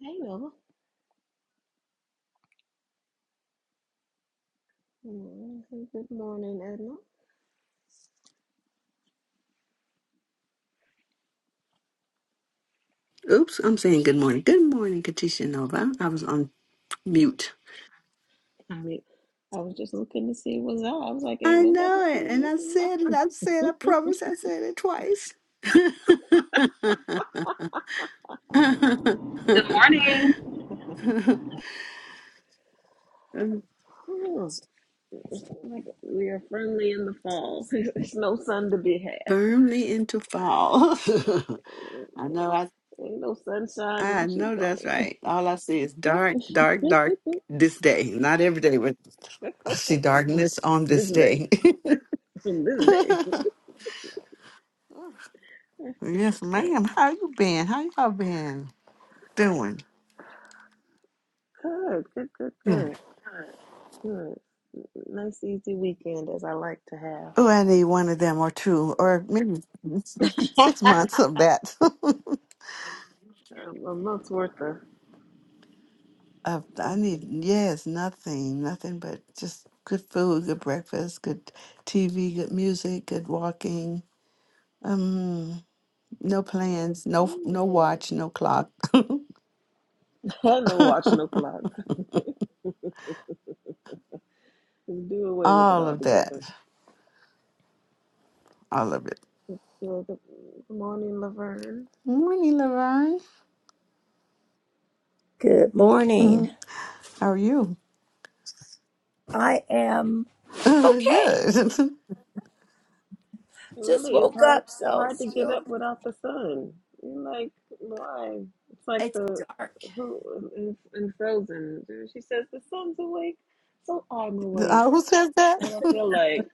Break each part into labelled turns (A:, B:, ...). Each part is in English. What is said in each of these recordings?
A: Hey, Mel. Good morning, Edna.
B: Oops, I'm saying good morning. Good morning, Katisha Nova. I was on mute.
A: I mean, I was just looking to see what's up. I was like, ain't
B: I
A: nobody
B: know it.
A: said
B: And I
A: nothing.
B: said it. I said, I promise I said it twice.
C: Good morning.
A: Huh. It's like we are friendly in the fall. There's no sun to be had.
B: Firmly into fall. I know I
A: Ain't no sunshine when
B: I
A: she's
B: know that's
A: gone.
B: right. All I see is dark, dark, dark this day. Not every day, but I see darkness on
A: this
B: this
A: day.
B: day.
A: this day.
B: yes, ma'am.
A: Good,
B: How you been? How y'all been doing?
A: good, good, good, good. Nice, easy weekend as I like to have.
B: Oh, I need one of them or two, or maybe six months of that.
A: Um, a month's worth of
B: I, I need,
A: something.
B: yes, nothing, nothing but just good food, good breakfast, good TV, good music, good walking. Um, no plans, no no
A: Mm,
B: watch, no clock.
A: yeah. no watching no clock. Just do away with it
B: all of that,
A: altogether.
B: all of it.
A: Well, Good, good morning, Laverne.
B: Morning, Laverne.
D: Good morning.
B: Mhm. How are you?
D: I am okay.
B: good.
A: It
D: Just
A: really is
D: woke
A: hard
D: up, so
A: hard
D: it's
A: to get
D: still
A: up without the sun. You're like, why? It's like
D: it's
A: the
D: dark.
A: who in, in Frozen. She says the sun's awake, so I'm awake.
B: Uh, who says that?
A: That's what I feel like.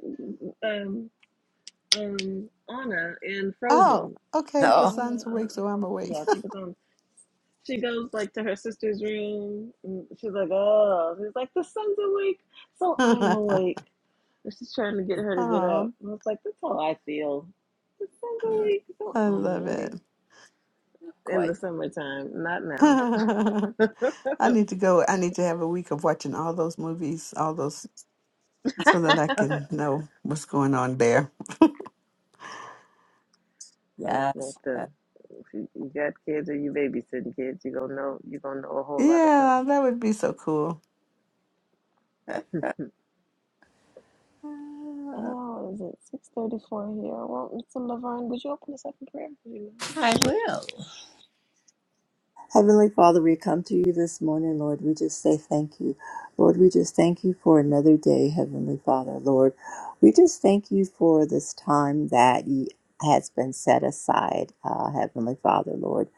A: Um, um, Anna in
B: oh,
A: Frozen.
B: okay. The
D: Oh,
A: Anna,
B: sun's
A: Anna,
B: awake, so I'm
A: yeah,
B: awake.
A: I think it's on. She goes like to her sister's room. And she's like, oh, she's like the sun's awake, so I'm awake. And she's trying to get her to get up.
B: Oh,
A: And I was like, that's how I feel. The sun's awake, so
B: I
A: I'm
B: love it.
A: In the
D: quite.
A: summertime, not now.
B: I need to go. I need to have a week of watching all those movies, all those, so that I can know what's going on there.
A: That's not
D: Yes. Uh,
A: the. If you, you got kids or you babysitting kids, you gonna know you gonna know a whole lot of something.
B: Yeah, that would be so cool.
A: Oh, is it six thirty four here? Well, Mr. Laverne, would you open us up in prayer? Would you
D: I will. Heavenly Father, we come to you this morning, Lord. We just say thank you. Lord, we just thank you for another day, Heavenly Father. Lord, we just thank you for this time that you has been set aside, uh, Heavenly Father, Lord.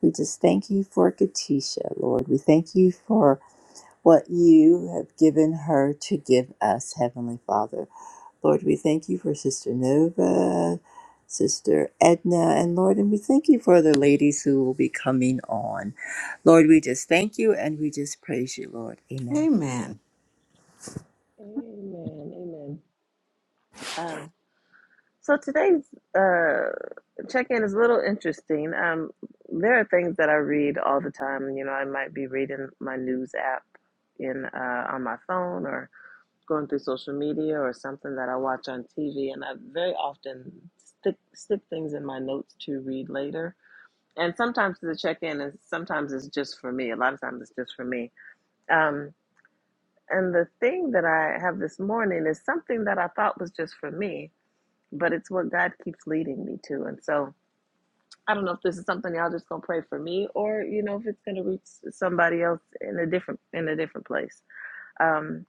D: We just thank you for Katisha, Lord. We thank you for what you have given her to give us, Heavenly Father. Lord, we thank you for Sister Nova, Sister Edna, and Lord, and we thank you for the ladies who will be coming on. Lord, we just thank you and we just praise you, Lord. Amen.
B: Amen.
A: mind? Amen. Amen. Um. So today's uh check-in is a little interesting. Um, there are things that I read all the time. You know, I might be reading my news app in uh, on my phone or going through social media or something that I watch on TV, and I very often stick stick things in my notes to read later. And sometimes the check-in is sometimes it's just for me. A lot of times it's just for me. Um, and the thing that I have this morning is something that I thought was just for me, but it's what God keeps leading me to, and so. I don't know if this is something y'all just gonna pray for me, or you know if it's gonna reach somebody else in a different in a different place. Um,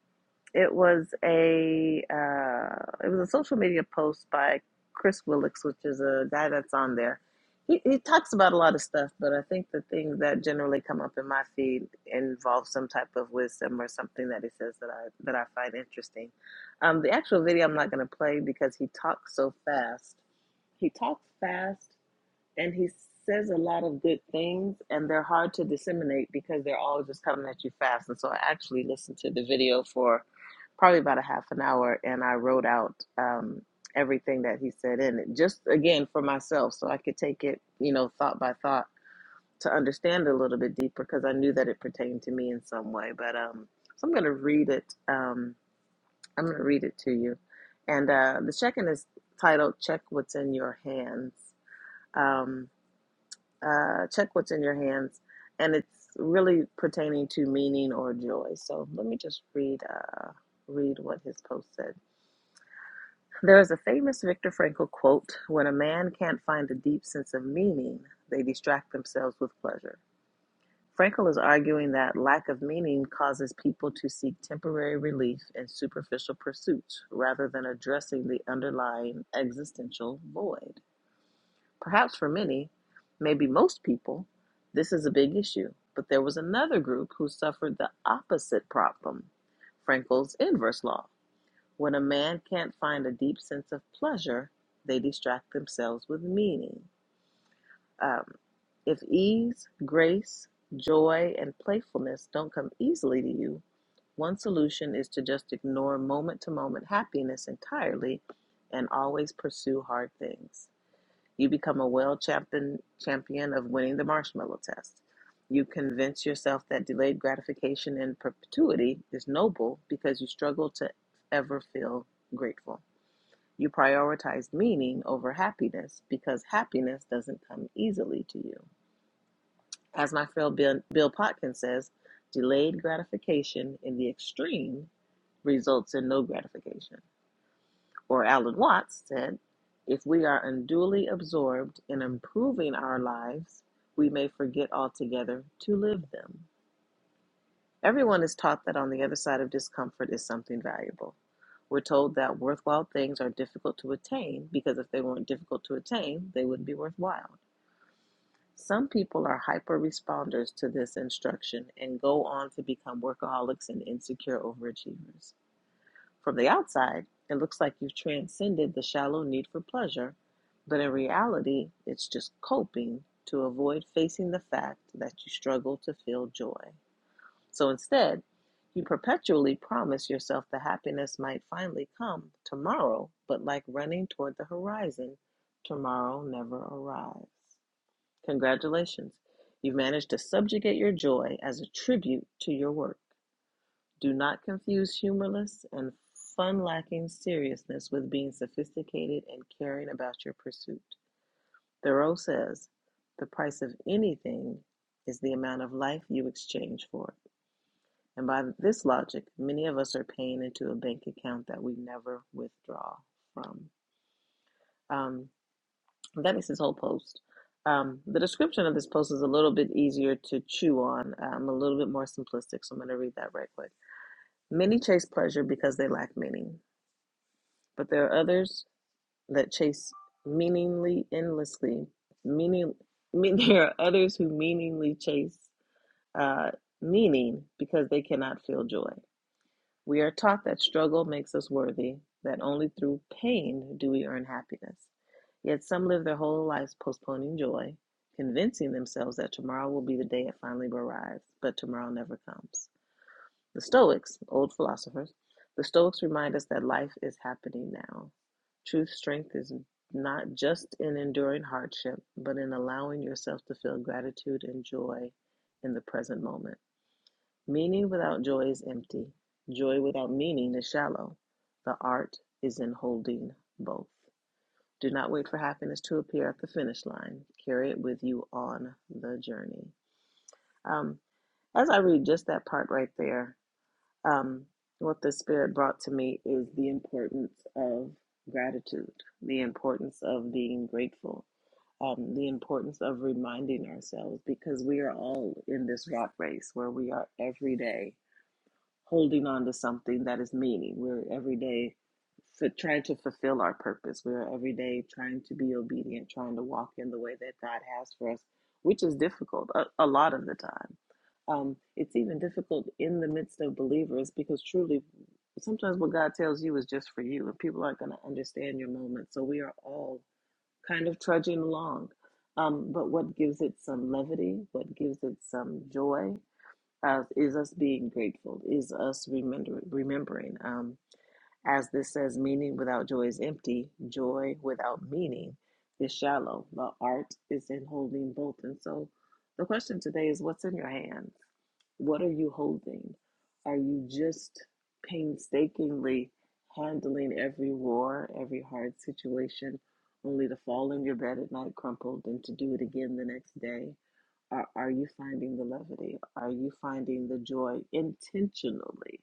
A: it was a uh, it was a social media post by Chris Willicks, which is a guy that's on there. He he talks about a lot of stuff, but I think the things that generally come up in my feed involve some type of wisdom or something that he says that I that I find interesting. Um, the actual video I'm not gonna play because he talks so fast he talks fast and he says a lot of good things and they're hard to disseminate because they're all just coming at you fast and so i actually listened to the video for probably about a half an hour and i wrote out um, everything that he said in it just again for myself so i could take it you know thought by thought to understand a little bit deeper because i knew that it pertained to me in some way but um, so i'm going to read it um, i'm going to read it to you and uh, the check-in is titled check what's in your hands Um, uh, check what's in your hands, and it's really pertaining to meaning or joy. So let me just read uh, read what his post said. There is a famous Viktor Frankl quote: "When a man can't find a deep sense of meaning, they distract themselves with pleasure." Frankl is arguing that lack of meaning causes people to seek temporary relief in superficial pursuits rather than addressing the underlying existential void. Perhaps for many, maybe most people, this is a big issue. But there was another group who suffered the opposite problem Frankl's inverse law. When a man can't find a deep sense of pleasure, they distract themselves with meaning. Um, if ease, grace, joy, and playfulness don't come easily to you, one solution is to just ignore moment to moment happiness entirely and always pursue hard things. You become a world champion, champion of winning the marshmallow test. You convince yourself that delayed gratification in perpetuity is noble because you struggle to ever feel grateful. You prioritize meaning over happiness because happiness doesn't come easily to you. As my friend Bill, Bill Potkin says, delayed gratification in the extreme results in no gratification or Alan Watts said, if we are unduly absorbed in improving our lives, we may forget altogether to live them. Everyone is taught that on the other side of discomfort is something valuable. We're told that worthwhile things are difficult to attain because if they weren't difficult to attain, they wouldn't be worthwhile. Some people are hyper responders to this instruction and go on to become workaholics and insecure overachievers. From the outside, it looks like you've transcended the shallow need for pleasure, but in reality, it's just coping to avoid facing the fact that you struggle to feel joy. So instead, you perpetually promise yourself that happiness might finally come tomorrow, but like running toward the horizon, tomorrow never arrives. Congratulations, you've managed to subjugate your joy as a tribute to your work. Do not confuse humorless and fun lacking seriousness with being sophisticated and caring about your pursuit. Thoreau says, The price of anything is the amount of life you exchange for it. And by this logic, many of us are paying into a bank account that we never withdraw from. Um, that is his whole post. Um, the description of this post is a little bit easier to chew on, um, a little bit more simplistic, so I'm going to read that right quick. Many chase pleasure because they lack meaning. but there are others that chase meaningly endlessly meaning mean, there are others who meaningly chase uh, meaning because they cannot feel joy we are taught that struggle makes us worthy that only through pain do we earn happiness yet some live their whole lives postponing joy convincing themselves that tomorrow will be the day it finally arrives but tomorrow never comes the Stoics, old philosophers, the Stoics remind us that life is happening now. True strength is not just in enduring hardship, but in allowing yourself to feel gratitude and joy in the present moment. Meaning without joy is empty. Joy without meaning is shallow. The art is in holding both. Do not wait for happiness to appear at the finish line. Carry it with you on the journey. Um, as I read just that part right there, um, what the Spirit brought to me is the importance of gratitude, the importance of being grateful, um, the importance of reminding ourselves because we are all in this rat race where we are every day holding on to something that is meaning. We're every day for trying to fulfill our purpose. We're every day trying to be obedient, trying to walk in the way that God has for us, which is difficult a, a lot of the time. Um, it's even difficult in the midst of believers because truly, sometimes what God tells you is just for you, and people aren't going to understand your moment. So we are all kind of trudging along. Um, but what gives it some levity? What gives it some joy? uh, is us being grateful, is us remember, remembering. Um, as this says, meaning without joy is empty, joy without meaning is shallow. The art is in holding both. And so the question today is what's in your hands? What are you holding? Are you just painstakingly handling every war, every hard situation, only to fall in your bed at night crumpled and to do it again the next day? Are, are you finding the levity? Are you finding the joy intentionally?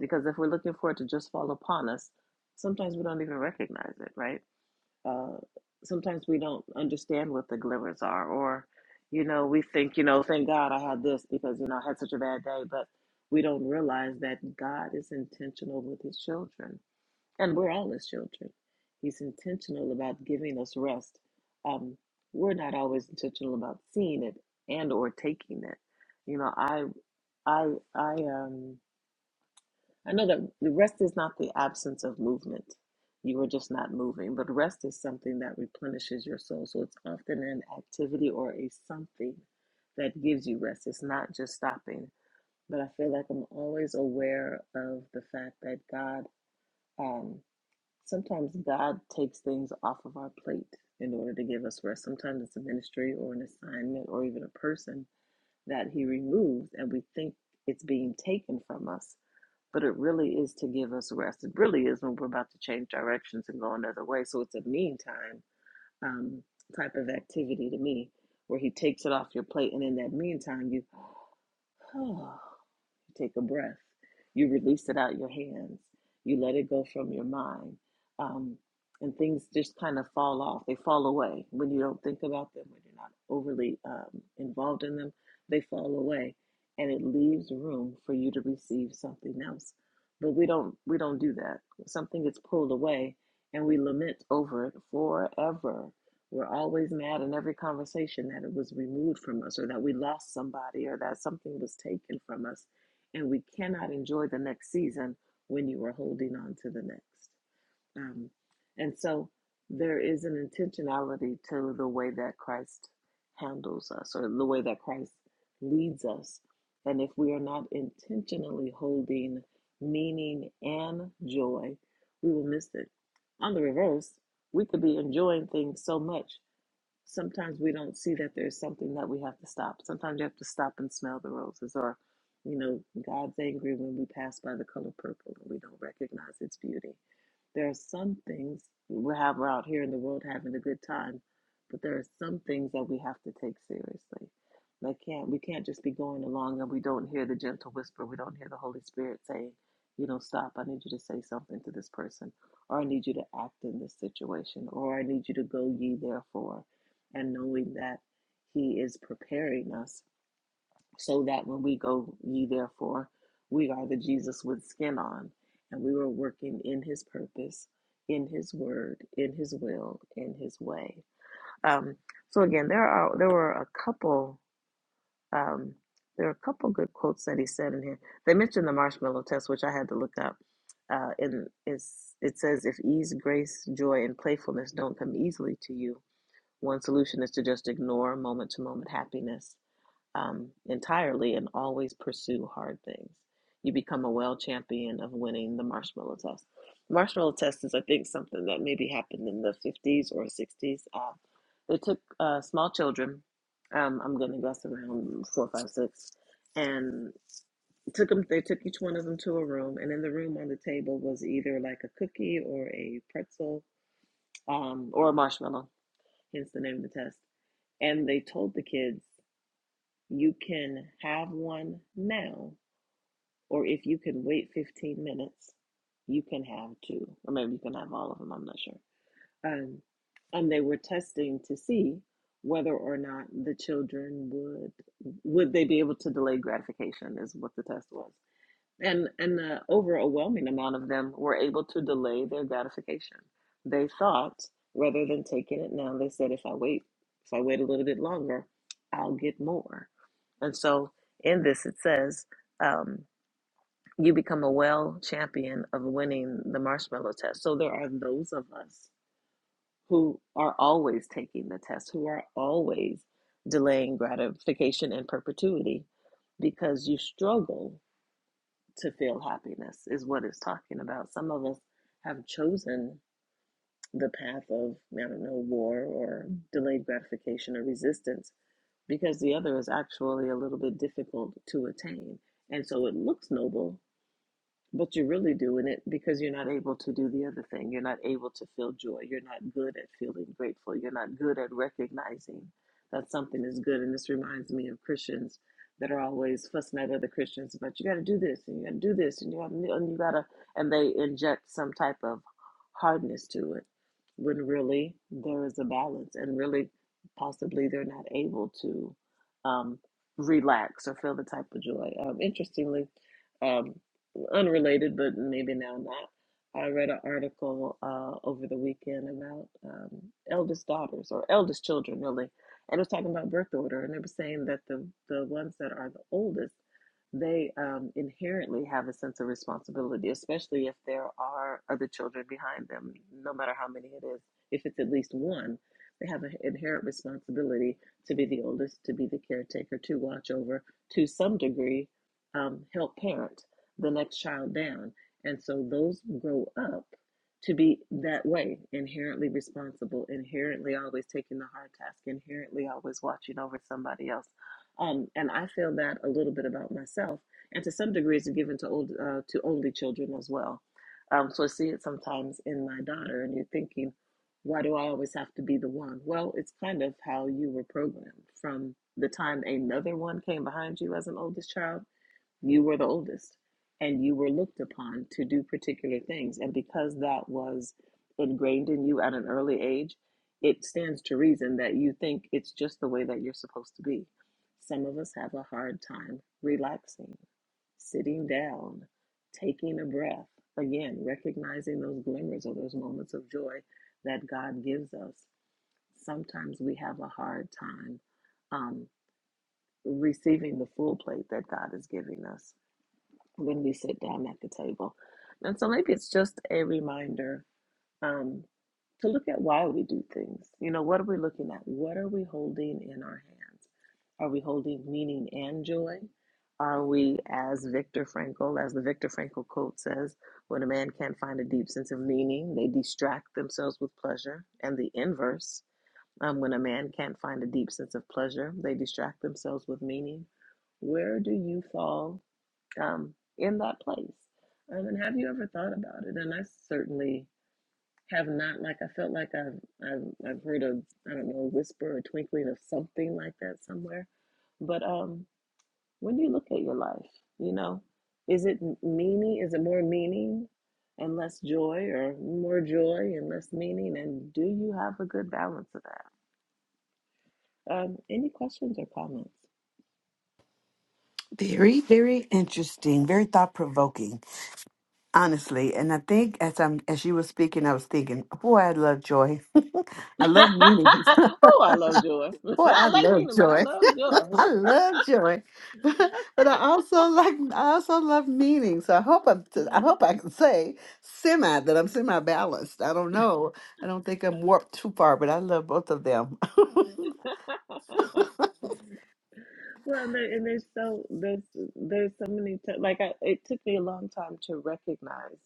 A: Because if we're looking for it to just fall upon us, sometimes we don't even recognize it, right? Uh, sometimes we don't understand what the glimmers are, or, you know, we think, you know, thank God I had this because, you know, I had such a bad day, but we don't realize that God is intentional with his children and we're all his children. He's intentional about giving us rest. Um, we're not always intentional about seeing it and or taking it. You know, I I I um I know that the rest is not the absence of movement. You are just not moving, but rest is something that replenishes your soul. So it's often an activity or a something that gives you rest. It's not just stopping. But I feel like I'm always aware of the fact that God um. Sometimes God takes things off of our plate in order to give us rest. Sometimes it's a ministry or an assignment or even a person that He removes, and we think it's being taken from us, but it really is to give us rest. It really is when we're about to change directions and go another way. So it's a meantime um, type of activity to me where He takes it off your plate, and in that meantime, you oh, take a breath. You release it out your hands. You let it go from your mind. Um, and things just kind of fall off. They fall away when you don't think about them, when you're not overly um, involved in them. They fall away, and it leaves room for you to receive something else. But we don't we don't do that. Something gets pulled away, and we lament over it forever. We're always mad in every conversation that it was removed from us, or that we lost somebody, or that something was taken from us and we cannot enjoy the next season when you are holding on to the next. Um, and so there is an intentionality to the way that Christ handles us or the way that Christ leads us. And if we are not intentionally holding meaning and joy, we will miss it. On the reverse, we could be enjoying things so much sometimes we don't see that there's something that we have to stop. Sometimes you have to stop and smell the roses, or, you know, God's angry when we pass by the color purple and we don't recognize its beauty. There are some things we have we're out here in the world having a good time, but there are some things that we have to take seriously. Like can't we can't just be going along and we don't hear the gentle whisper, we don't hear the Holy Spirit saying, you know, stop, I need you to say something to this person, or I need you to act in this situation, or I need you to go ye therefore, and knowing that he is preparing us so that when we go ye therefore we are the jesus with skin on and we were working in his purpose in his word in his will in his way um, so again there are there were a couple um, there are a couple good quotes that he said in here they mentioned the marshmallow test which i had to look up uh, and it's, it says if ease grace joy and playfulness don't come easily to you one solution is to just ignore moment to moment happiness um, entirely and always pursue hard things. You become a well champion of winning the marshmallow test. Marshmallow test is, I think, something that maybe happened in the 50s or 60s. Uh, they took uh, small children, um, I'm going to guess around four, five, six, and took them, they took each one of them to a room. And in the room on the table was either like a cookie or a pretzel um, or a marshmallow, hence the name of the test. And they told the kids you can have one now, or if you can wait 15 minutes, you can have two, or maybe you can have all of them, I'm not sure. Um, and they were testing to see whether or not the children would would they be able to delay gratification is what the test was and and the overwhelming amount of them were able to delay their gratification. They thought rather than taking it now, they said if I wait, if I wait a little bit longer, I'll get more. And so in this it says, um, you become a well champion of winning the marshmallow test. So there are those of us who are always taking the test, who are always delaying gratification in perpetuity because you struggle to feel happiness is what it's talking about. Some of us have chosen the path of, I don't know, war or delayed gratification or resistance because the other is actually a little bit difficult to attain. And so it looks noble but you're really doing it because you're not able to do the other thing. You're not able to feel joy. You're not good at feeling grateful. You're not good at recognizing that something is good. And this reminds me of Christians that are always fussing at other Christians about you got to do this and you got to do this and you got to and you got to and they inject some type of hardness to it when really there is a balance and really possibly they're not able to um, relax or feel the type of joy. Um, interestingly. um, unrelated, but maybe now not. I read an article uh, over the weekend about um, eldest daughters or eldest children, really, and it was talking about birth order, and they were saying that the the ones that are the oldest, they um, inherently have a sense of responsibility, especially if there are other children behind them, no matter how many it is. If it's at least one, they have an inherent responsibility to be the oldest, to be the caretaker, to watch over, to some degree, um, help parent the next child down. And so those grow up to be that way inherently responsible, inherently always taking the hard task, inherently always watching over somebody else. Um, and I feel that a little bit about myself, and to some degrees, it's given to old uh, to only children as well. Um, so I see it sometimes in my daughter, and you're thinking, why do I always have to be the one? Well, it's kind of how you were programmed from the time another one came behind you as an oldest child you were the oldest, and you were looked upon to do particular things. And because that was ingrained in you at an early age, it stands to reason that you think it's just the way that you're supposed to be. Some of us have a hard time relaxing, sitting down, taking a breath. Again, recognizing those glimmers or those moments of joy that God gives us. Sometimes we have a hard time um, receiving the full plate that God is giving us when we sit down at the table. And so maybe it's just a reminder um, to look at why we do things. You know, what are we looking at? What are we holding in our hands? Are we holding meaning and joy? Are we, as Viktor Frankl, as the Viktor Frankl quote says, when a man can't find a deep sense of meaning, they distract themselves with pleasure. And the inverse, um, when a man can't find a deep sense of pleasure, they distract themselves with meaning. Where do you fall um, in that place. Um, and have you ever thought about it? And I certainly have not. Like I felt like I've I've, I've heard a I don't know whisper or twinkling of something like that somewhere. But um, when you look at your life, you know, is it meaning? Is it more meaning and less joy, or more joy and less meaning? And do you have a good balance of that? Um, any questions or comments?
B: Very, very interesting. Very thought provoking, honestly. And I think as I'm as you were speaking, I was thinking, boy, I love joy. I love meaning.
A: oh, I love joy.
B: Boy,
A: I
B: I
A: like
B: love
A: meaning, but I
B: joy.
A: love joy.
B: I love joy, but, but I also like I also love meaning. So I hope I'm t- I hope I can say semi that I'm semi balanced. I don't know. I don't think I'm warped too far, but I love both of them.
A: Well, and, there, and there's so there's there's so many t- like I, it took me a long time to recognize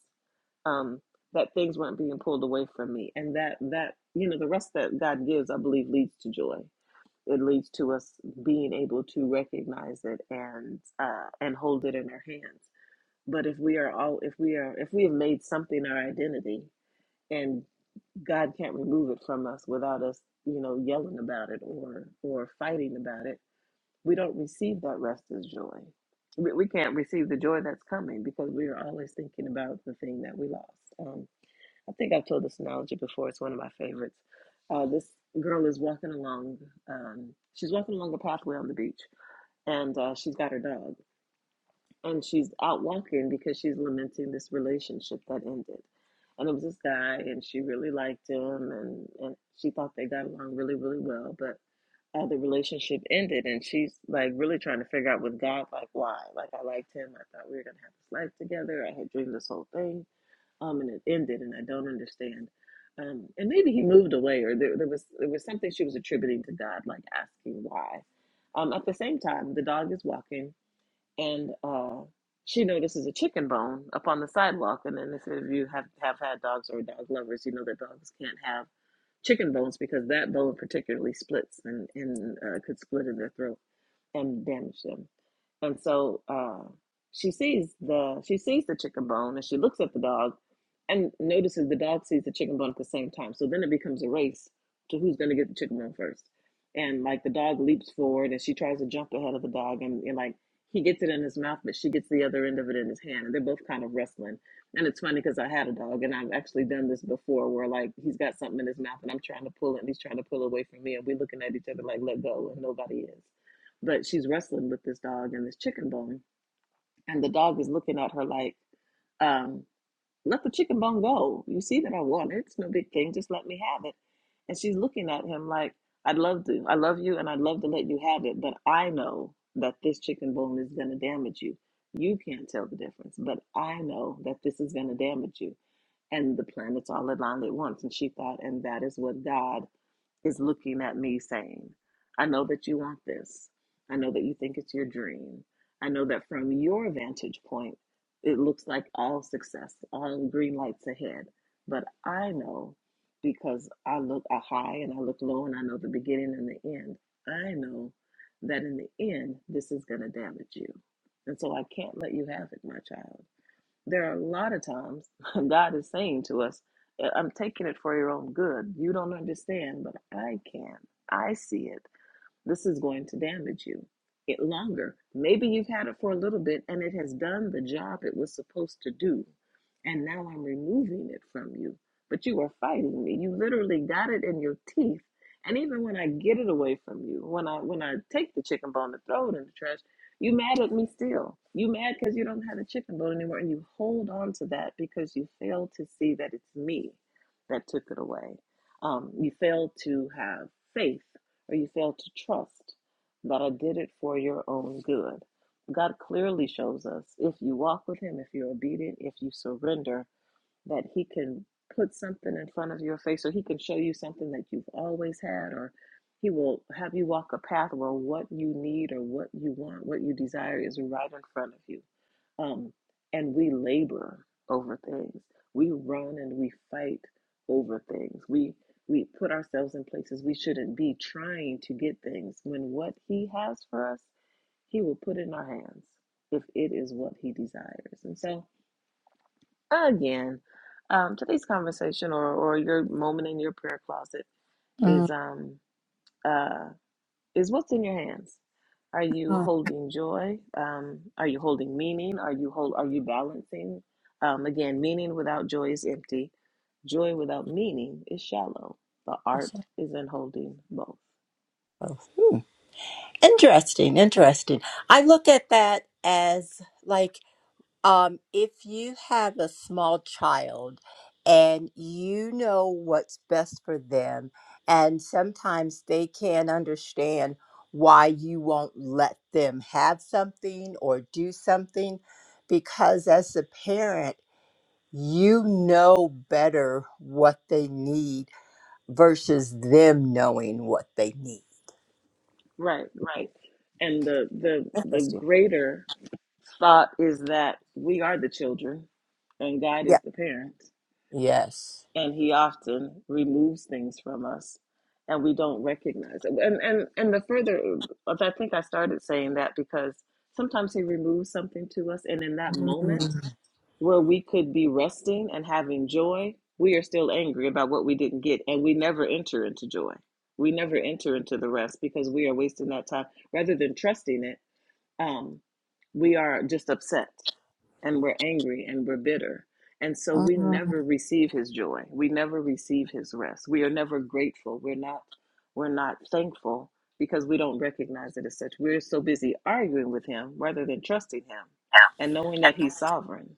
A: um, that things weren't being pulled away from me, and that that you know the rest that God gives, I believe, leads to joy. It leads to us being able to recognize it and uh, and hold it in our hands. But if we are all if we are if we have made something our identity, and God can't remove it from us without us, you know, yelling about it or or fighting about it we don't receive that rest as joy. We, we can't receive the joy that's coming because we are always thinking about the thing that we lost. Um, I think I've told this analogy before. It's one of my favorites. Uh, this girl is walking along. Um, she's walking along a pathway on the beach, and uh, she's got her dog, and she's out walking because she's lamenting this relationship that ended. And it was this guy, and she really liked him, and, and she thought they got along really, really well, but uh, the relationship ended and she's like really trying to figure out with God like why like I liked him I thought we were gonna have this life together I had dreamed this whole thing um and it ended and I don't understand um and maybe he moved away or there, there was there was something she was attributing to God like asking why um at the same time the dog is walking and uh she notices a chicken bone up on the sidewalk and then if you have have had dogs or dog lovers you know that dogs can't have chicken bones because that bone particularly splits and, and uh, could split in their throat and damage them. And so uh, she sees the she sees the chicken bone and she looks at the dog and notices the dog sees the chicken bone at the same time. So then it becomes a race to who's going to get the chicken bone first. And like the dog leaps forward and she tries to jump ahead of the dog and, and like he gets it in his mouth, but she gets the other end of it in his hand. And they're both kind of wrestling. And it's funny because I had a dog and I've actually done this before where like he's got something in his mouth and I'm trying to pull it and he's trying to pull away from me and we're looking at each other like let go and nobody is but she's wrestling with this dog and this chicken bone. And the dog is looking at her like, um, let the chicken bone go. You see that I want it. It's no big thing. Just let me have it. And she's looking at him like, I'd love to. I love you and I'd love to let you have it. But I know that this chicken bone is going to damage you. You can't tell the difference, but I know that this is going to damage you. And the planets all aligned at once. And she thought, and that is what God is looking at me saying, I know that you want this. I know that you think it's your dream. I know that from your vantage point, it looks like all success, all green lights ahead. But I know because I look high and I look low and I know the beginning and the end. I know that in the end, this is going to damage you. And so I can't let you have it, my child. There are a lot of times God is saying to us, "I- am taking it for your own good. You don't understand, but I can. I see it. This is going to damage you. It longer. Maybe you've had it for a little bit and it has done the job it was supposed to do. And now I'm removing it from you. But you are fighting me. You literally got it in your teeth. And even when I get it away from you, when I when I take the chicken bone and throw it in the trash, you mad at me still. You mad because you don't have a chicken bone anymore and you hold on to that because you fail to see that it's me that took it away. Um, you fail to have faith or you fail to trust that I did it for your own good. God clearly shows us if you walk with Him, if you're obedient, if you surrender, that He can put something in front of your face or He can show you something that you've always had, or He will have you walk a path where what you need or what you want, what you desire is right in front of you. Um, and we labor over things. We run and we fight over things. We we put ourselves in places we shouldn't be trying to get things when what he has for us, he will put in our hands if it is what he desires. And so again, um, today's conversation or, or your moment in your prayer closet
D: Mm.
A: is um, uh is what's in your hands. Are you
D: Oh,
A: holding joy? Um, are you holding meaning? Are you hold? Are you balancing? Um, again, meaning without joy is empty. Joy without meaning is shallow. The
D: that's
A: art
D: so-
A: is in holding both.
D: oh, Hmm. Interesting, interesting. I look at that as like Um, if you have a small child and you know what's best for them, and sometimes they can't understand why you won't let them have something or do something, because as a parent, you know better what they need versus them knowing what they need.
A: Right, right. And the the the
D: Interesting.
A: greater thought is that we are the children, and God
D: Yeah.
A: is the parent.
D: Yes.
A: and he often removes things from us and we don't recognize it and and and the further i think i started saying that because sometimes he removes something to us and in that moment
D: Mm.
A: where we could be resting and having joy we are still angry about what we didn't get and we never enter into joy we never enter into the rest because we are wasting that time rather than trusting it um we are just upset and we're angry and we're bitter. And so we
D: Mm.
A: never receive his joy. We never receive his rest. We are never grateful. We're not we're not thankful because we don't recognize it as such. We're so busy arguing with him rather than trusting him and knowing that he's sovereign.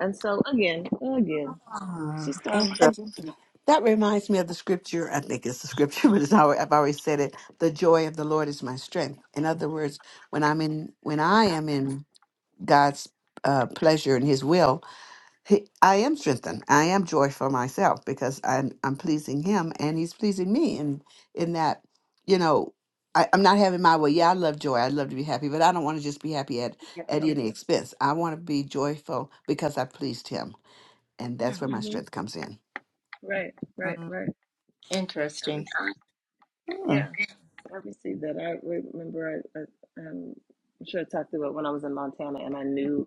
A: And so again, again, it's
D: Ah,
A: just um
D: Interesting.
B: and that reminds me of the scripture. I think it's the scripture, but it's how I've always said it. The joy of the Lord is my strength. In other words, when I'm in when I am in God's uh, pleasure and His will, He, I am strengthened. I am joy for myself because I'm I'm pleasing him and he's pleasing me And in in that, you know, I, I'm not having my way. Yeah, I love joy. I love to be happy, but I don't want to just be happy at, at any expense. I want to be joyful because I pleased him. And that's where my
A: mm-hmm.
B: strength comes in.
A: right, right, right. I
D: Interesting.
A: received,
D: Hmm.
A: yeah, I received that. I remember I, I um I'm sure I talked about when I was in Montana and I knew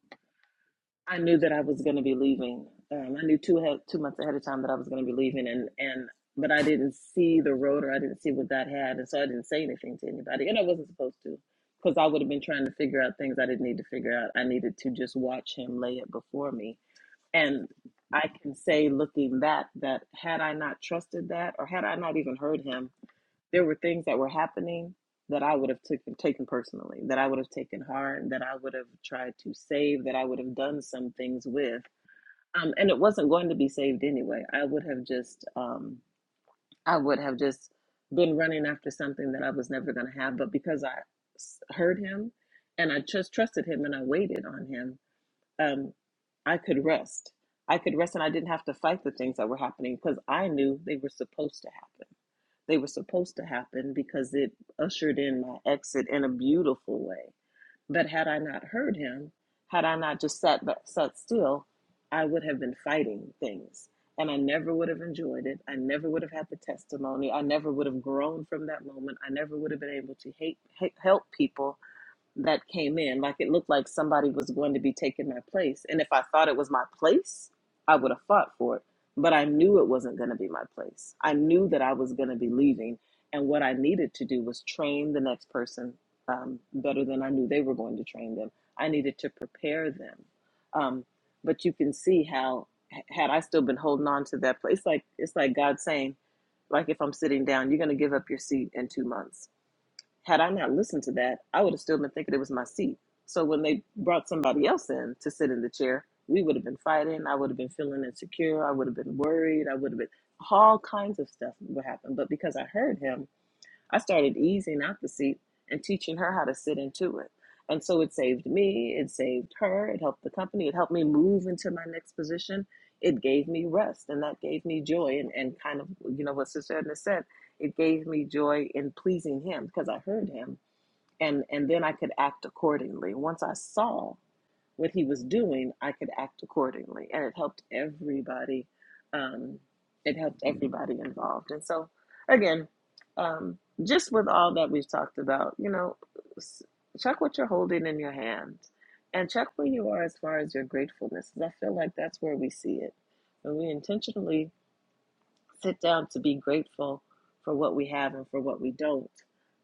A: I knew that I was going to be leaving. Um, I knew two he- two months ahead of time that I was going to be leaving, and and but I didn't see the road or I didn't see what that had, and so I didn't say anything to anybody, and I wasn't supposed to, because I would have been trying to figure out things I didn't need to figure out. I needed to just watch him lay it before me, and I can say, looking back, that had I not trusted that, or had I not even heard him, there were things that were happening that I would have taken taken personally, that I would have taken hard, that I would have tried to save, that I would have done some things with. Um, and it wasn't going to be saved anyway. I would have just um, I would have just been running after something that I was never going to have. But because I heard him and I just trusted him and I waited on him, um, I could rest. I could rest and I didn't have to fight the things that were happening because I knew they were supposed to happen. They were supposed to happen because it ushered in my exit in a beautiful way. But had I not heard him, had I not just sat ba- sat still, I would have been fighting things, and I never would have enjoyed it. I never would have had the testimony. I never would have grown from that moment. I never would have been able to hate, hate, help people that came in. Like it looked like somebody was going to be taking my place. And if I thought it was my place, I would have fought for it. But I knew it wasn't going to be my place. I knew that I was going to be leaving. And what I needed to do was train the next person um, better than I knew they were going to train them. I needed to prepare them. Um, but you can see how, h- had I still been holding on to that place, it's like, it's like God saying, like if I'm sitting down, you're going to give up your seat in two months had I not listened to that, I would have still been thinking it was my seat. So when they brought somebody else in to sit in the chair, we would have been fighting. I would have been feeling insecure. I would have been worried. I would have been all kinds of stuff would happen. But because I heard him, I started easing out the seat and teaching her how to sit into it. And so it saved me, it saved her, it helped the company, it helped me move into my next position. It gave me rest and that gave me joy. And, and kind of, you know, what Sister Edna said, it gave me joy in pleasing him because I heard him. And, and then I could act accordingly. Once I saw what he was doing, I could act accordingly. And it helped everybody. Um, it helped everybody involved. And so, again, um, just with all that we've talked about, you know, check what you're holding in your hand and check where you are as far as your gratefulness. 'cause I feel like that's where we see it. When we intentionally sit down to be grateful for what we have and for what we don't.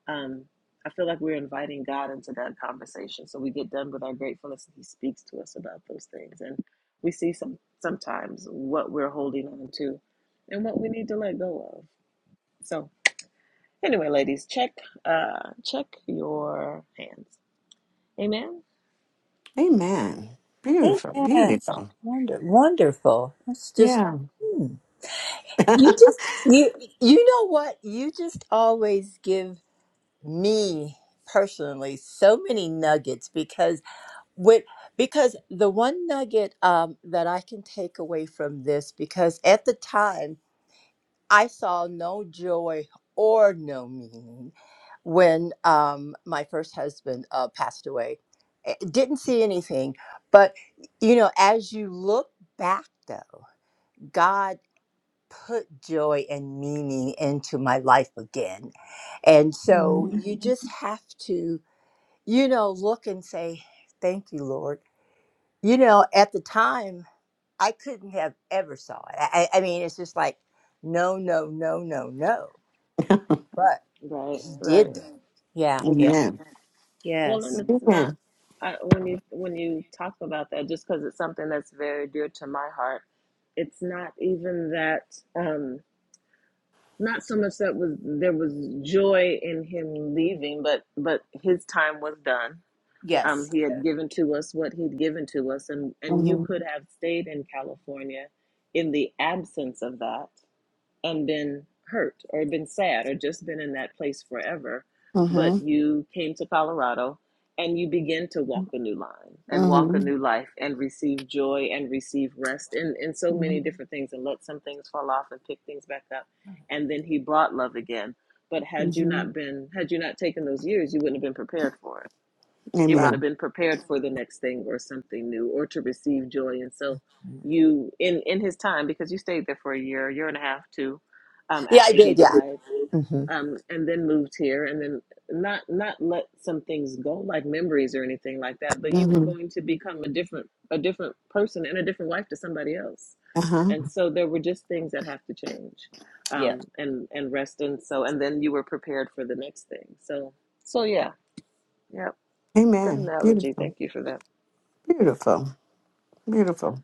A: Um, I feel like we're inviting God into that conversation. So we get done with our gratefulness and He speaks to us about those things. And we see some sometimes what we're holding on to and what we need to let go of. So anyway, ladies, check uh check your hands. Amen.
B: Amen. Beautiful,
D: Amen.
B: beautiful.
D: Wonder, wonderful. That's just
B: Yeah.
D: hmm. you just you you know what? You just always give me personally so many nuggets because with because the one nugget um that I can take away from this because at the time I saw no joy or no meaning when um, my first husband uh, passed away. Eh, Didn't see anything, but you know, as you look back though, God put joy and meaning into my life again. And so
B: Mhm.
D: you Mhm. just have to, you know, look and say, Thank you, Lord. You know, at the time, I couldn't have ever saw it. I, I I mean, it's just like, no, no, no, no, no. but.
A: Right,
D: He
A: right.
D: did that. Yeah, yeah,
B: Amen.
A: Well, and
D: Yes.
A: it's not
B: Amen.
A: I, when you when you talk about that, just because it's something that's very dear to my heart. It's not even that. Um, not so much that was there was joy in him leaving, but but his time was done. Um,
D: yes,
A: he had given to us what he'd given to us, and and you
B: Mm-hmm.
A: could have stayed in California in the absence of that and been hurt or been sad or just been in that place forever.
B: Mm-hmm.
A: But you came to Colorado and you begin to walk a new line and walk a
B: Mm-hmm.
A: new life and receive joy and receive rest and, and so many different things and let some things fall off and pick things back up. And then he brought love again. But had you
B: Mm-hmm.
A: not been, had you not taken those years, you wouldn't have been prepared for it it
D: right.
A: wouldn't have
B: Amen.
A: been prepared for the next thing or something new or to receive joy and so you in in his time because you stayed there for a year year and a half too um
D: Yeah, I
A: after he
D: did. Yeah,
A: died
D: hmm
A: um and then moved here and then not not let some things go like memories or anything like that but you were
B: Mm-hmm.
A: going to become a different a different person and a different wife to somebody else
B: Uh-huh.
A: and so there were just things that have to change
D: Yes.
A: um and and rest and so and then you were prepared for the next thing so so yeah yeah Good
B: Amen.
A: analogy.
B: Beautiful.
A: Thank you for that.
B: Beautiful. Beautiful.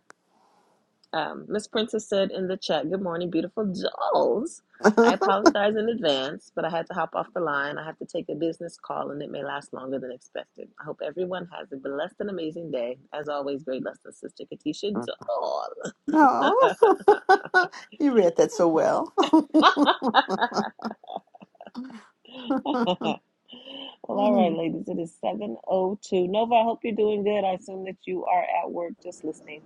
A: Um, Miss Princess said in the chat, Good morning, beautiful dolls. I apologize in advance, but I had to hop off the line. I have to take a business call and it may last longer than expected. I hope everyone has a blessed and amazing day. As always, great lesson, Sister Katisha Doll.
B: No,
A: well,
B: you read that so well.
A: all right,
B: Mhm.
A: ladies, it is 7.02. Nova, I hope you're doing good. I assume that you are at work just listening.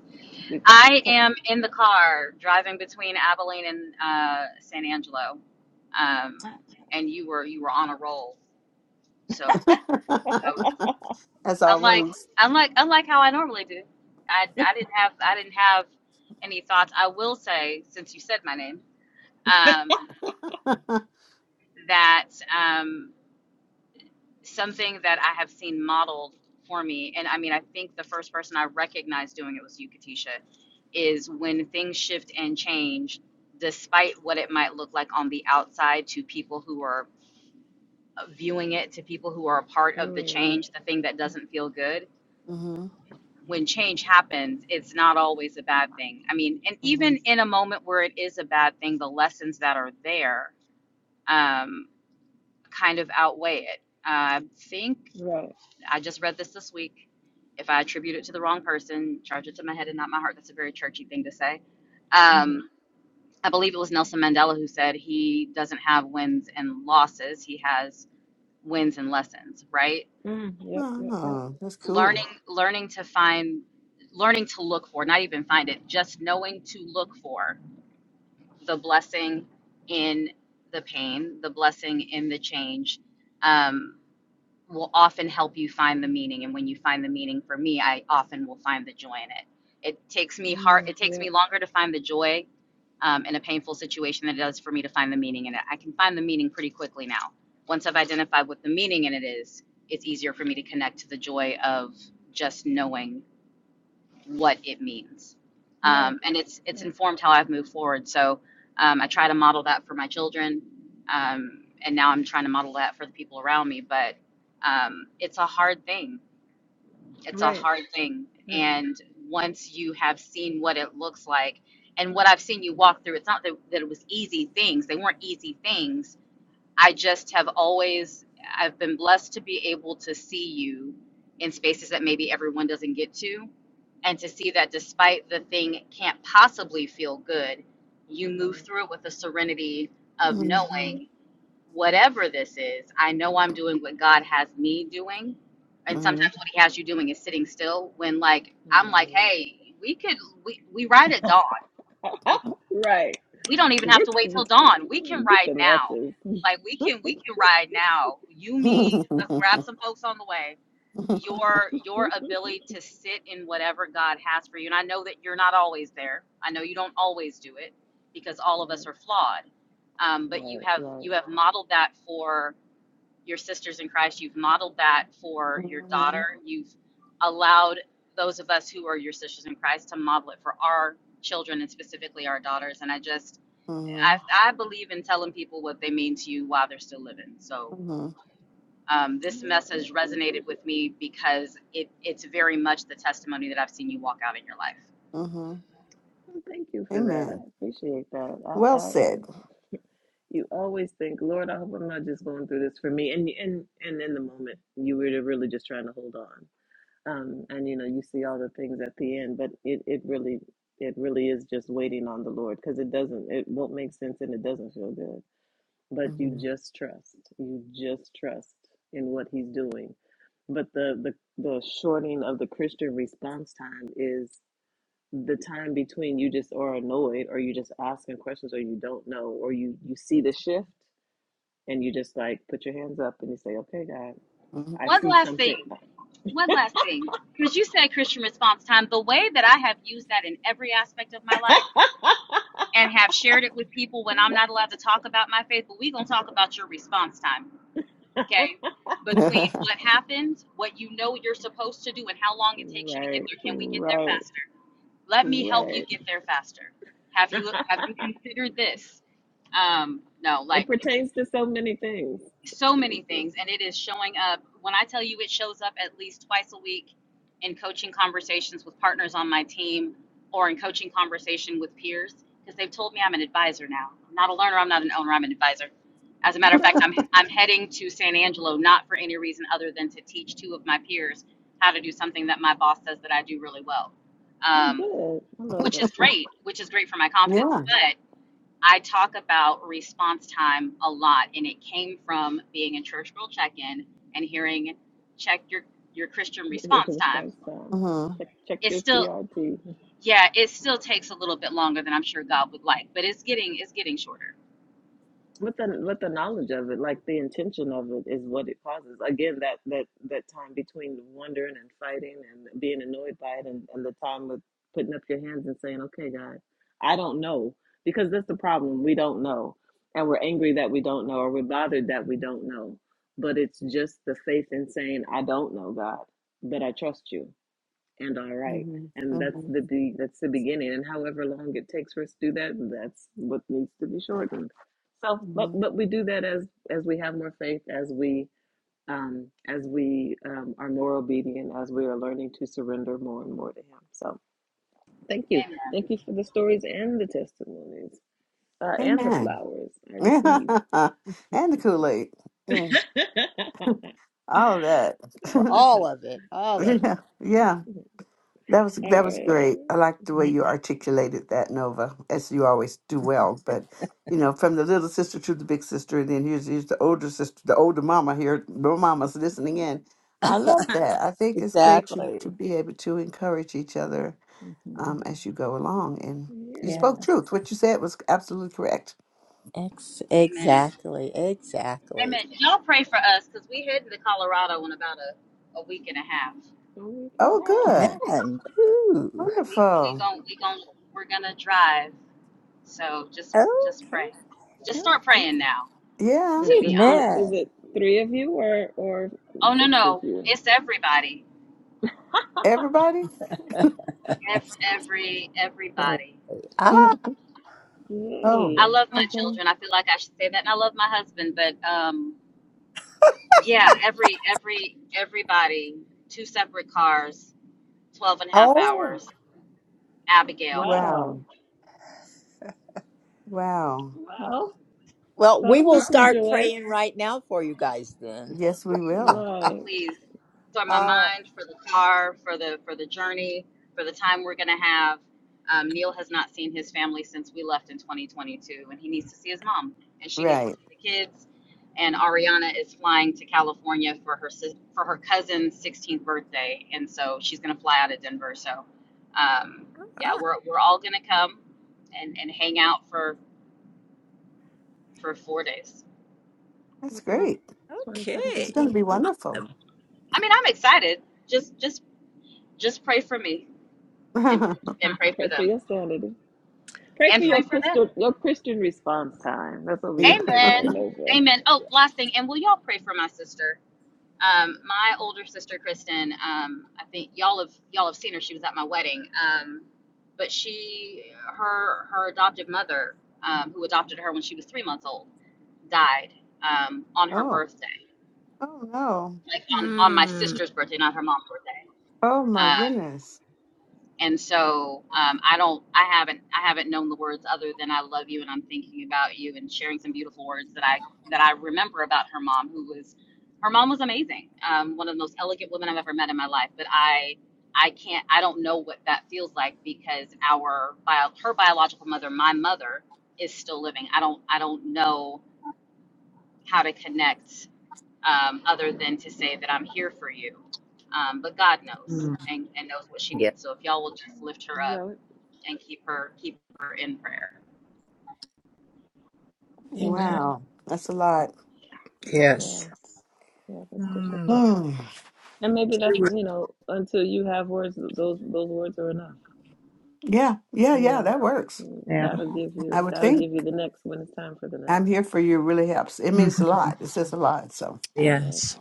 A: We...
C: I am in the car driving between Abilene and uh, San Angelo, um, and you were you were on a roll. So I was-
B: As
C: unlike
B: always.
C: unlike unlike how I normally do, I, I didn't have I didn't have any thoughts. I will say since you said my name um, that um, something that I have seen modeled for me, and I mean, I think the first person I recognized doing it was you, Katisha, is when things shift and change, despite what it might look like on the outside to people who are viewing it, to people who are a part of the
A: Mm,
C: change, the thing that doesn't feel good.
B: hmm
C: When change happens, it's not always a bad thing. I mean, and
B: hmm
C: even in a moment where it is a bad thing, the lessons that are there um, kind of outweigh it. I think
A: right.
C: I just read this this week. If I attribute it to the wrong person, charge it to my head and not my heart. That's a very churchy thing to say. Um,
A: Mm-hmm.
C: I believe it was Nelson Mandela who said he doesn't have wins and losses; he has wins and lessons. Right?
A: Mm, yep, yep, yep.
B: Oh, that's
C: Learning,
B: cool.
C: learning to find, learning to look for, not even find it, just knowing to look for the blessing in the pain, the blessing in the change. Um, will often help you find the meaning and when you find the meaning for me i often will find the joy in it it takes me hard
A: Mm,
C: it takes
A: yep.
C: me longer to find the joy um, in a painful situation than it does for me to find the meaning in it i can find the meaning pretty quickly now once i've identified what the meaning in it is it's easier for me to connect to the joy of just knowing what it means.
A: Right,
C: Um, and it's it's
A: right,
C: informed how I've moved forward. So um, I try to model that for my children, um, and now I'm trying to model that for the people around me. But um, it's a hard thing. It's a
A: right,
C: hard thing.
A: right,
C: And once you have seen what it looks like, and what I've seen you walk through, it's not that, that it was easy things. They weren't easy things I just have always I've been blessed to be able to see you in spaces that maybe everyone doesn't get to and to see that despite the thing can't possibly feel good, you move
A: right.
C: through it with the serenity of
B: hmm
C: knowing whatever this is, I know I'm doing what God has me doing. And
B: hmm
C: sometimes what he has you doing is sitting still when like I'm like, hey, we could we, we ride at dawn
A: Right.
C: we don't
A: Right.
C: even have to
A: Get
C: wait till dawn. We can
A: get
C: ride
A: the
C: now.
A: matches.
C: Like we can we can ride now. You me,
B: Mhm,
C: let's grab some folks on the way. Your your
A: right,
C: ability to sit in whatever God has for you. And I know that you're not always there. I know you don't always do it because all of us are flawed. Um, but you
A: right,
C: have
A: right.
C: you have modeled that for your sisters in Christ. You've modeled that for your
B: mhm,
C: daughter. You've allowed those of us who are your sisters in Christ to model it for our children and specifically our daughters. And I just
B: mhm,
C: I, I believe in telling people what they mean to you while they're still living. So um,
A: I
C: this message
A: appreciate
C: resonated
A: it.
C: with me because it, it's very much the testimony that I've seen you walk out in your life.
B: mhm.
A: Well, Thank you for that. I
B: Amen.
A: appreciate that. I,
B: Well
A: I
B: said.
A: you always think, Lord, I hope I'm not just going through this for me. And and and in the moment, you were really just trying to hold on. um, and you know you see all the things at the end but it, it really it really is just waiting on the lord because it doesn't it won't make sense and it doesn't feel good but you
B: Mhm,
A: just trust you just trust in what he's doing but the the, the shortening of the christian response time is the time between you just are annoyed or you just asking questions or you don't know or you you see the shift and you just like put your hands up and you say okay god i
B: mhm.
C: One
A: see
C: last thing.
A: something
C: One last thing. Because you said Christian response time, the way that I have used that in every aspect of my life and have shared it with people when I'm not allowed to talk about my faith, but we're going to talk about your response time, okay? Between what happened, what you know you're supposed to do, and how long it takes you to get
A: Right,
C: there. Can we get there
A: right,
C: faster? Let me help you
A: right.
C: get there faster. Have you have you considered this? Um, no,
A: it
C: like
A: pertains to so many things.
C: so many things, and it is showing up. When I tell you, it shows up at least twice a week in coaching conversations with partners on my team, or in coaching conversation with peers, because they've told me I'm an advisor now. I'm not a learner. I'm not an owner. I'm an advisor. As a matter of
A: Okay,
C: fact, I'm I'm heading to San Angelo not for any reason other than to teach two of my peers how to do something that my boss says that I do really well.
A: I'm
C: Um,
A: good. I love
C: which
A: that
C: is
A: stuff.
C: great, which is great for my confidence.
B: yeah.
C: But I talk about response time a lot, and it came from being in church girl check-in and hearing check your your Christian
A: It's
C: response time.
A: response time.
B: hmm
A: Check check
C: It's
A: your
C: still
A: CRT.
C: yeah, it still takes a little bit longer than I'm sure God would like, but it's getting it's getting shorter.
A: with the with the knowledge of it like the intention of it is what it causes again that that that time between wondering and fighting and being annoyed by it and, and the time of putting up your hands and saying okay god i don't know because that's the problem we don't know and we're angry that we don't know or we're bothered that we don't know but it's just the faith in saying i don't know god but i trust you and all right.
B: hmm
A: And that's
B: hmm
A: the be- that's the beginning. And however long it takes for us to do that, that's what needs to be shortened. So, but
B: hmm
A: but we do that as as we have more faith, as we um, as we um, are more obedient, as we are learning to surrender more and more to Him. So, thank you,
C: Amen.
A: thank you for the stories and the testimonies uh, and the
B: Amen.
A: flowers I
B: and
A: receive.
B: the Kool Aid, yeah,
A: all
B: all of that.
D: for all of it, all of it.
B: yeah, yeah, that was that was
A: right,
B: great. I like the way
D: Yeah.
B: you articulated that, Nova, as you always do well. But you know, from the little sister to the big sister, and then here's here's the older sister, the older mama here. The mama's listening in. I love that. I think it's great to to
D: Exactly.
B: be able to encourage each other
D: hmm
B: um, as you go along. And you
D: Yeah.
A: yeah,
B: spoke truth. What you said was absolutely correct.
D: Ex-
C: Amen.
D: exactly, exactly.
C: Amen. Y'all pray for us because we heading to Colorado in about a, a week and a half.
A: a week and a
B: Oh, good,
D: Man, ooh,
C: We we
B: wonderful.
C: gon' we gon' we're gonna drive. So just just
D: okay,
C: pray. Just start praying now.
B: Yeah.
A: Is
C: to be
A: it th
C: honest.
A: is
D: amen.
A: it three of you or or
C: Oh no,
A: six of
C: no,
A: you?
C: it's everybody.
B: Everybody?
C: Ev- Every everybody.
D: Ah,
B: Mhm. oh,
C: I
A: Yay.
C: love my
B: okay.
C: children. I feel like I should say that, and I love my husband. But um, yeah, every every everybody. Two separate cars, 12 and a half
D: oh.
C: hours. Abigail.
A: Wow.
B: Wow. Wow.
A: Well,
D: Well, we
A: that'll
D: will
A: be some
D: start
A: joy.
D: praying right now for you guys then.
B: Yes, we will.
A: Right.
C: please for my
D: ah, Ah,
C: mind for the car for the for the journey for the time we're going to have um, neil has not seen his family since we left in 2022 and he needs to see his mom and she needs to
B: Right.
C: see the kids and ariana is flying to california for her sis- for her cousin's 16th birthday and so she's going to fly out of denver so um, yeah we're, we're all going to come and, and hang out for for four days
B: That's
A: What is
B: great.
A: 22nd to
B: It's
A: the
D: okay.
B: going to be wonderful.
A: 26th?
C: i mean i'm excited just just just pray for me and
B: yeah.
C: and pray for
A: Pray for
C: them
A: your sanity. Pray for
C: and
D: Yeah.
A: your
C: pray for them.
A: Christian your Christian response time. That's what we're gonna pray for,
D: Yeah.
C: Amen.
A: Nova.
C: Amen. Oh, last thing, and will y'all pray for my sister? Um, my older sister Kristen. Um, I think y'all have y'all have seen her. She was at my wedding. Um, but she, her her adoptive mother, um, who adopted her when she was three months old, died um, on her
B: Oh,
C: birthday,
B: oh no.
C: like on, on my
D: Mm.
C: sister's birthday, not her mom's birthday.
B: Oh my
C: Um,
B: goodness.
C: and so um, I don't, I haven't, I haven't known the words other than "I love you" and I'm thinking about you and sharing some beautiful words that I that I remember about her mom, who was, her mom was amazing, um, one of the most elegant women I've ever met in my life. But I, I can't, I don't know what that feels like because our bio, her biological mother, my mother, is still living. I don't, I don't know how to connect um, other than to say that I'm here for you. Um, but God knows
D: Mm.
C: and, and knows what she
D: Yeah.
C: needs. So if y'all will just lift her up
A: Well,
C: and keep her keep her in prayer.
A: we
D: Amen.
A: shall.
B: Wow. That's a lot.
A: We
D: Yes.
A: shall. Yeah, that's
D: Mm.
A: difficult.
B: Hmm.
A: And maybe that's, you know, until you have words, those those words are enough.
B: yeah. Yeah.
A: You
B: Yeah.
A: know,
B: That works.
A: Mm,
D: Yeah.
A: God'll give
B: I
A: you
B: would
A: God'll
B: think
A: give you the next when it's time for the next.
B: I'm here for you really helps. It means a
D: hmm
B: lot. It says a lot. So,
A: Right,
D: Yes.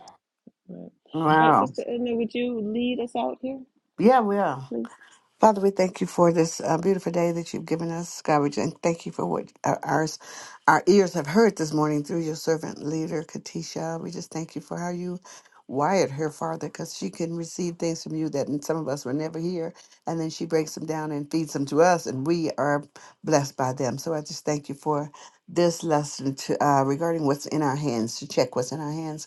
A: right. All right,
B: wow.
A: Sister Edna, would you lead us out here,
B: Yeah. We are.
A: please?
B: Father, we thank you for this uh, beautiful day that you've given us, God. We just thank you for what our, our our ears have heard this morning through your servant leader, Katisha. We just thank you for how you wired her, Father, because she can receive things from you that some of us will never hear, and then she breaks them down and feeds them to us, and we are blessed by them. So I just thank you for this lesson to, uh, regarding what's in our hands, to check what's in our hands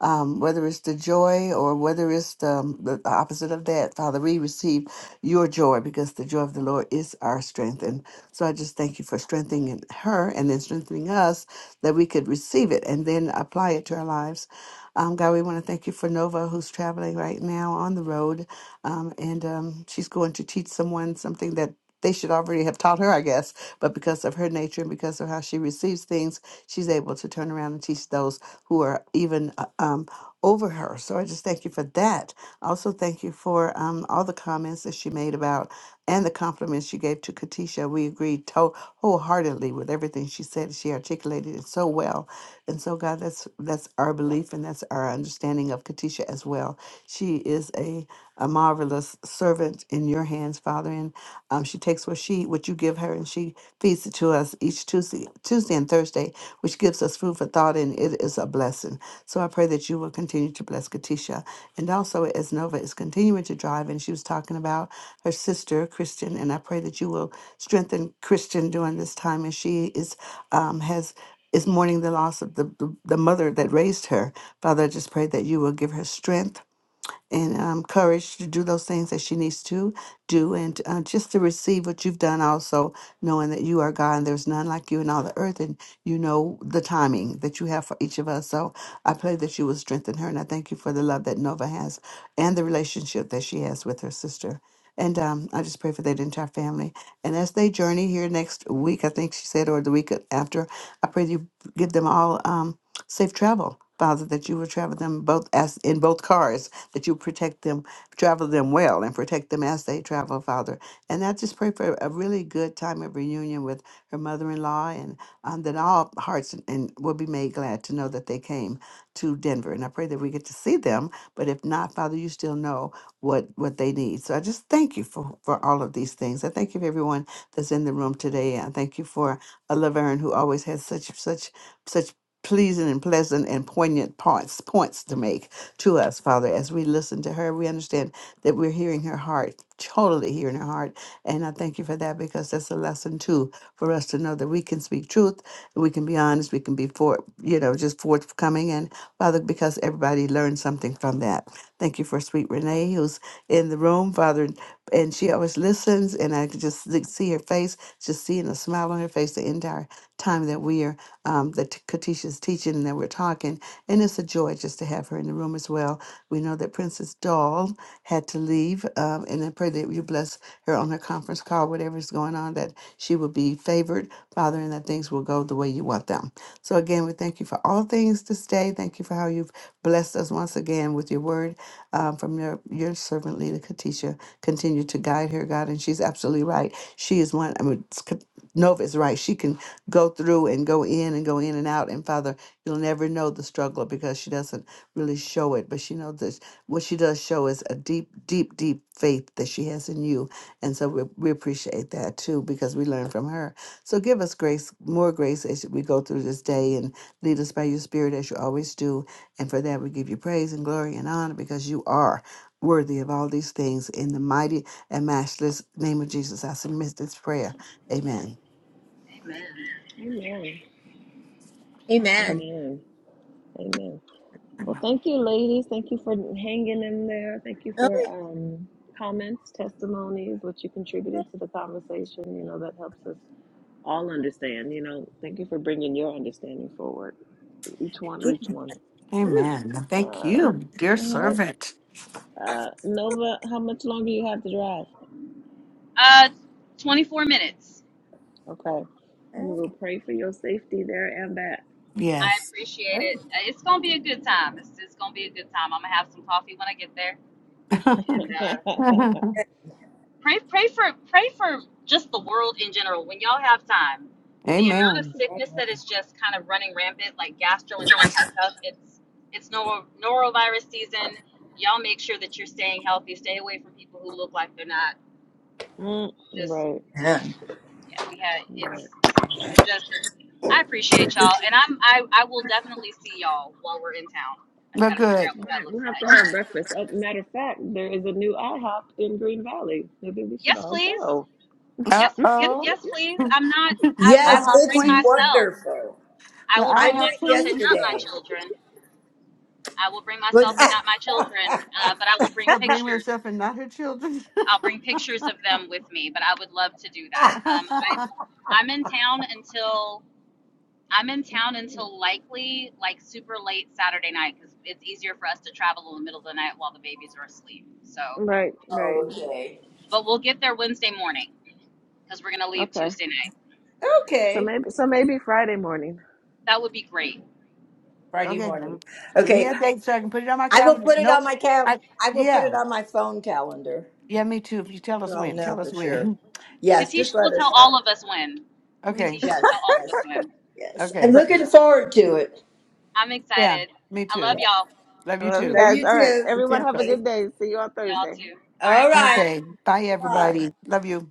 B: um, whether it's the joy or whether it's the, um, the the opposite of that. Father, we receive your joy because the joy of the Lord is our strength. And so I just thank you for strengthening her and then strengthening us that we could receive it and then apply it to our lives. Um, God, we want to thank you for Nova, who's traveling right now on the road. Um, and um, she's going to teach someone something that they should already have taught her, I guess. But because of her nature and because of how she receives things, she's able to turn around and teach those who are even uh, um, over her. So I just thank you for that. I Also, thank you for um, all the comments that she made about and the compliments she gave to Katisha. We agreed to- wholeheartedly with everything she said. She articulated it so well. And so, God, that's that's our belief and that's our understanding of Katisha as well. She is a, a marvelous servant in your hands, Father. And um, she takes what she what you give her and she feeds it to us each Tuesday, Tuesday and Thursday which gives us food for thought, and it is a blessing. So I pray that you will continue to bless Katisha. And also, as Nova is continuing to drive, and she was talking about her sister, Christian, and I pray that you will strengthen Christian during this time as she is um, has is mourning the loss of the, the the mother that raised her. Father, I just pray that you will give her strength and um, courage to do those things that she needs to do and uh, just to receive what you've done also knowing that you are god and there's none like you in all the earth and you know the timing that you have for each of us so i pray that you will strengthen her and i thank you for the love that nova has and the relationship that she has with her sister and um, I just pray for that entire family. And as they journey here next week, I think she said, or the week after, I pray that you give them all um, safe travel, Father, that you will travel them both as in both cars that you protect them, travel them well, and protect them as they travel, Father. And I just pray for a really good time of reunion with her mother in law, and um, that all hearts and, and will be made glad to know that they came to Denver. And I pray that we get to see them, but if not, Father, you still know what, what they need. So I just thank you for, for all of these things. I thank you for everyone that's in the room today. I thank you for uh, Laverne, who always has such such such pleasing and pleasant and poignant points points to make to us, Father. As we listen to her, we understand that we're hearing her heart, totally hearing her heart. And I thank you for that because that's a lesson too for us to know that we can speak truth, we can be honest, we can be for you know just forthcoming. And Father, because everybody learns something from that. Thank you for sweet Renee who's in the room, Father, and she always listens. And I could just to see her face, just seeing a smile on her face the entire time that we are, um, that T- Katisha's teaching and that we're talking. And it's a joy just to have her in the room as well. We know that Princess Doll had to leave, um, and I pray that you bless her on her conference call, whatever's going on, that she will be favored, Father, and that things will go the way you want them. So again, we thank you for all things this day. Thank you for how you've blessed us once again with your word um, from your, your servant, Lita Katisha. Continue to guide her, God. And she's absolutely right. She is one, I mean, it's co- Nova is right. She can go through and go in and go in and out. And Father, you'll never know the struggle because she doesn't really show it. But she knows this. what she does show is a deep, deep, deep faith that she has in you. And so we, we appreciate that too because we learn from her. So give us grace, more grace as we go through this day and lead us by your spirit as you always do. And for that, we give you praise and glory and honor because you are worthy of all these things. In the mighty and matchless name of Jesus, I submit this prayer. Amen.
C: Amen.
A: Amen.
D: Amen.
A: Amen. Amen. Well, thank you, ladies. Thank you for hanging in there. Thank you
D: Oh,
A: for um, comments, testimonies, what you
D: yeah.
A: contributed to the conversation. You know, that helps us all understand. You know, thank you for bringing your understanding forward. Each one, each one.
D: Ooh.
B: Amen.
A: Uh,
B: Thank you,
A: all
B: dear
A: right.
B: servant.
A: Uh, Nova, how much longer you have to drive?
C: Uh, 24 minutes.
A: Okay. We will pray for your safety there and back.
C: I
B: Yes.
C: appreciate it. Uh, It's gonna be a good time. It's it's gonna be a good time. I'm gonna have some coffee when I get there, and uh, pray pray for pray for just the world in general. When y'all have time, the amount of
B: Amen.
C: sickness that is just kind of running rampant, like gastrointestinal stuff. It's it's nor- norovirus season. Y'all make sure that you're staying healthy. Stay away from people who look like they're not.
A: mm,
C: Just
A: right.
D: Amen.
C: yeah, we had
A: Right.
C: it's so just I appreciate y'all, and I'm I, I will definitely see y'all while we're in town. I just
B: Look
C: got to figure
B: good.
C: out what
A: Right.
C: that looks
A: We'll have to
C: like.
A: have breakfast. Uh, matter of fact, there is a new IHOP in Green Valley. Maybe we should
C: Yes,
A: all
C: please.
A: go.
B: Uh
C: Yes, yes,
B: oh.
C: yes, please. I'm not. I
B: I
C: I
D: Yes,
C: will
B: have
D: it's
C: bring
B: queens.
C: myself.
D: wonderful.
C: I
B: The
C: will
D: I
B: I
C: bring
B: have
D: went
C: myself and
B: queens.
C: not my
D: yesterday.
C: children. I will bring
D: Was
C: myself and not my children, uh, but I will bring
B: She'll bring
C: pictures.
B: herself and not her children.
C: I'll bring pictures of them with me. But I would love to do that.
B: okay,
C: Um, I I'm in town until I'm in town until likely like super late Saturday night because it's easier for us to travel in the middle of the night while the babies are asleep. So,
A: right. Right.
D: okay.
C: but we'll get there Wednesday morning because we're gonna leave
A: Okay.
C: Tuesday night.
A: So
D: Okay.
A: maybe so maybe Friday morning.
C: That would be great.
D: Friday
B: let me
D: morning.
B: give me
D: Okay.
B: a date so I can put it on my
D: I will
B: calendar.
D: put it
B: Nope.
D: on my cal.
B: I
D: I will put
B: yeah.
D: it on my phone calendar,
B: Yeah, me too. If you tell
D: so
B: us
D: I'll
B: when.
D: know
B: Tell
D: for
B: us
D: sure.
B: when.
D: Yes,
C: Katisha
D: just let
C: will
D: us
C: tell
D: know.
C: all of us when.
A: Mm,
B: Okay.
C: Katisha will
D: Yes,
C: tell all of
D: yes.
C: us when.
D: Yes, I'm
B: Okay.
D: looking forward to it.
C: I'm
B: Yeah,
C: excited.
B: me
C: I
B: too.
C: love y'all.
B: Love
A: I
B: you
A: love you
B: too.
D: Love
A: guys.
D: you
A: All right.
D: too.
B: Be
A: Everyone have a
B: careful.
D: Okay.
A: good day. See you on
C: Y'all
A: Thursday.
C: too. All right.
D: All
C: Bye.
D: right.
B: Okay. Bye,
D: Bye bye.
A: Bye.
B: everybody. Love you.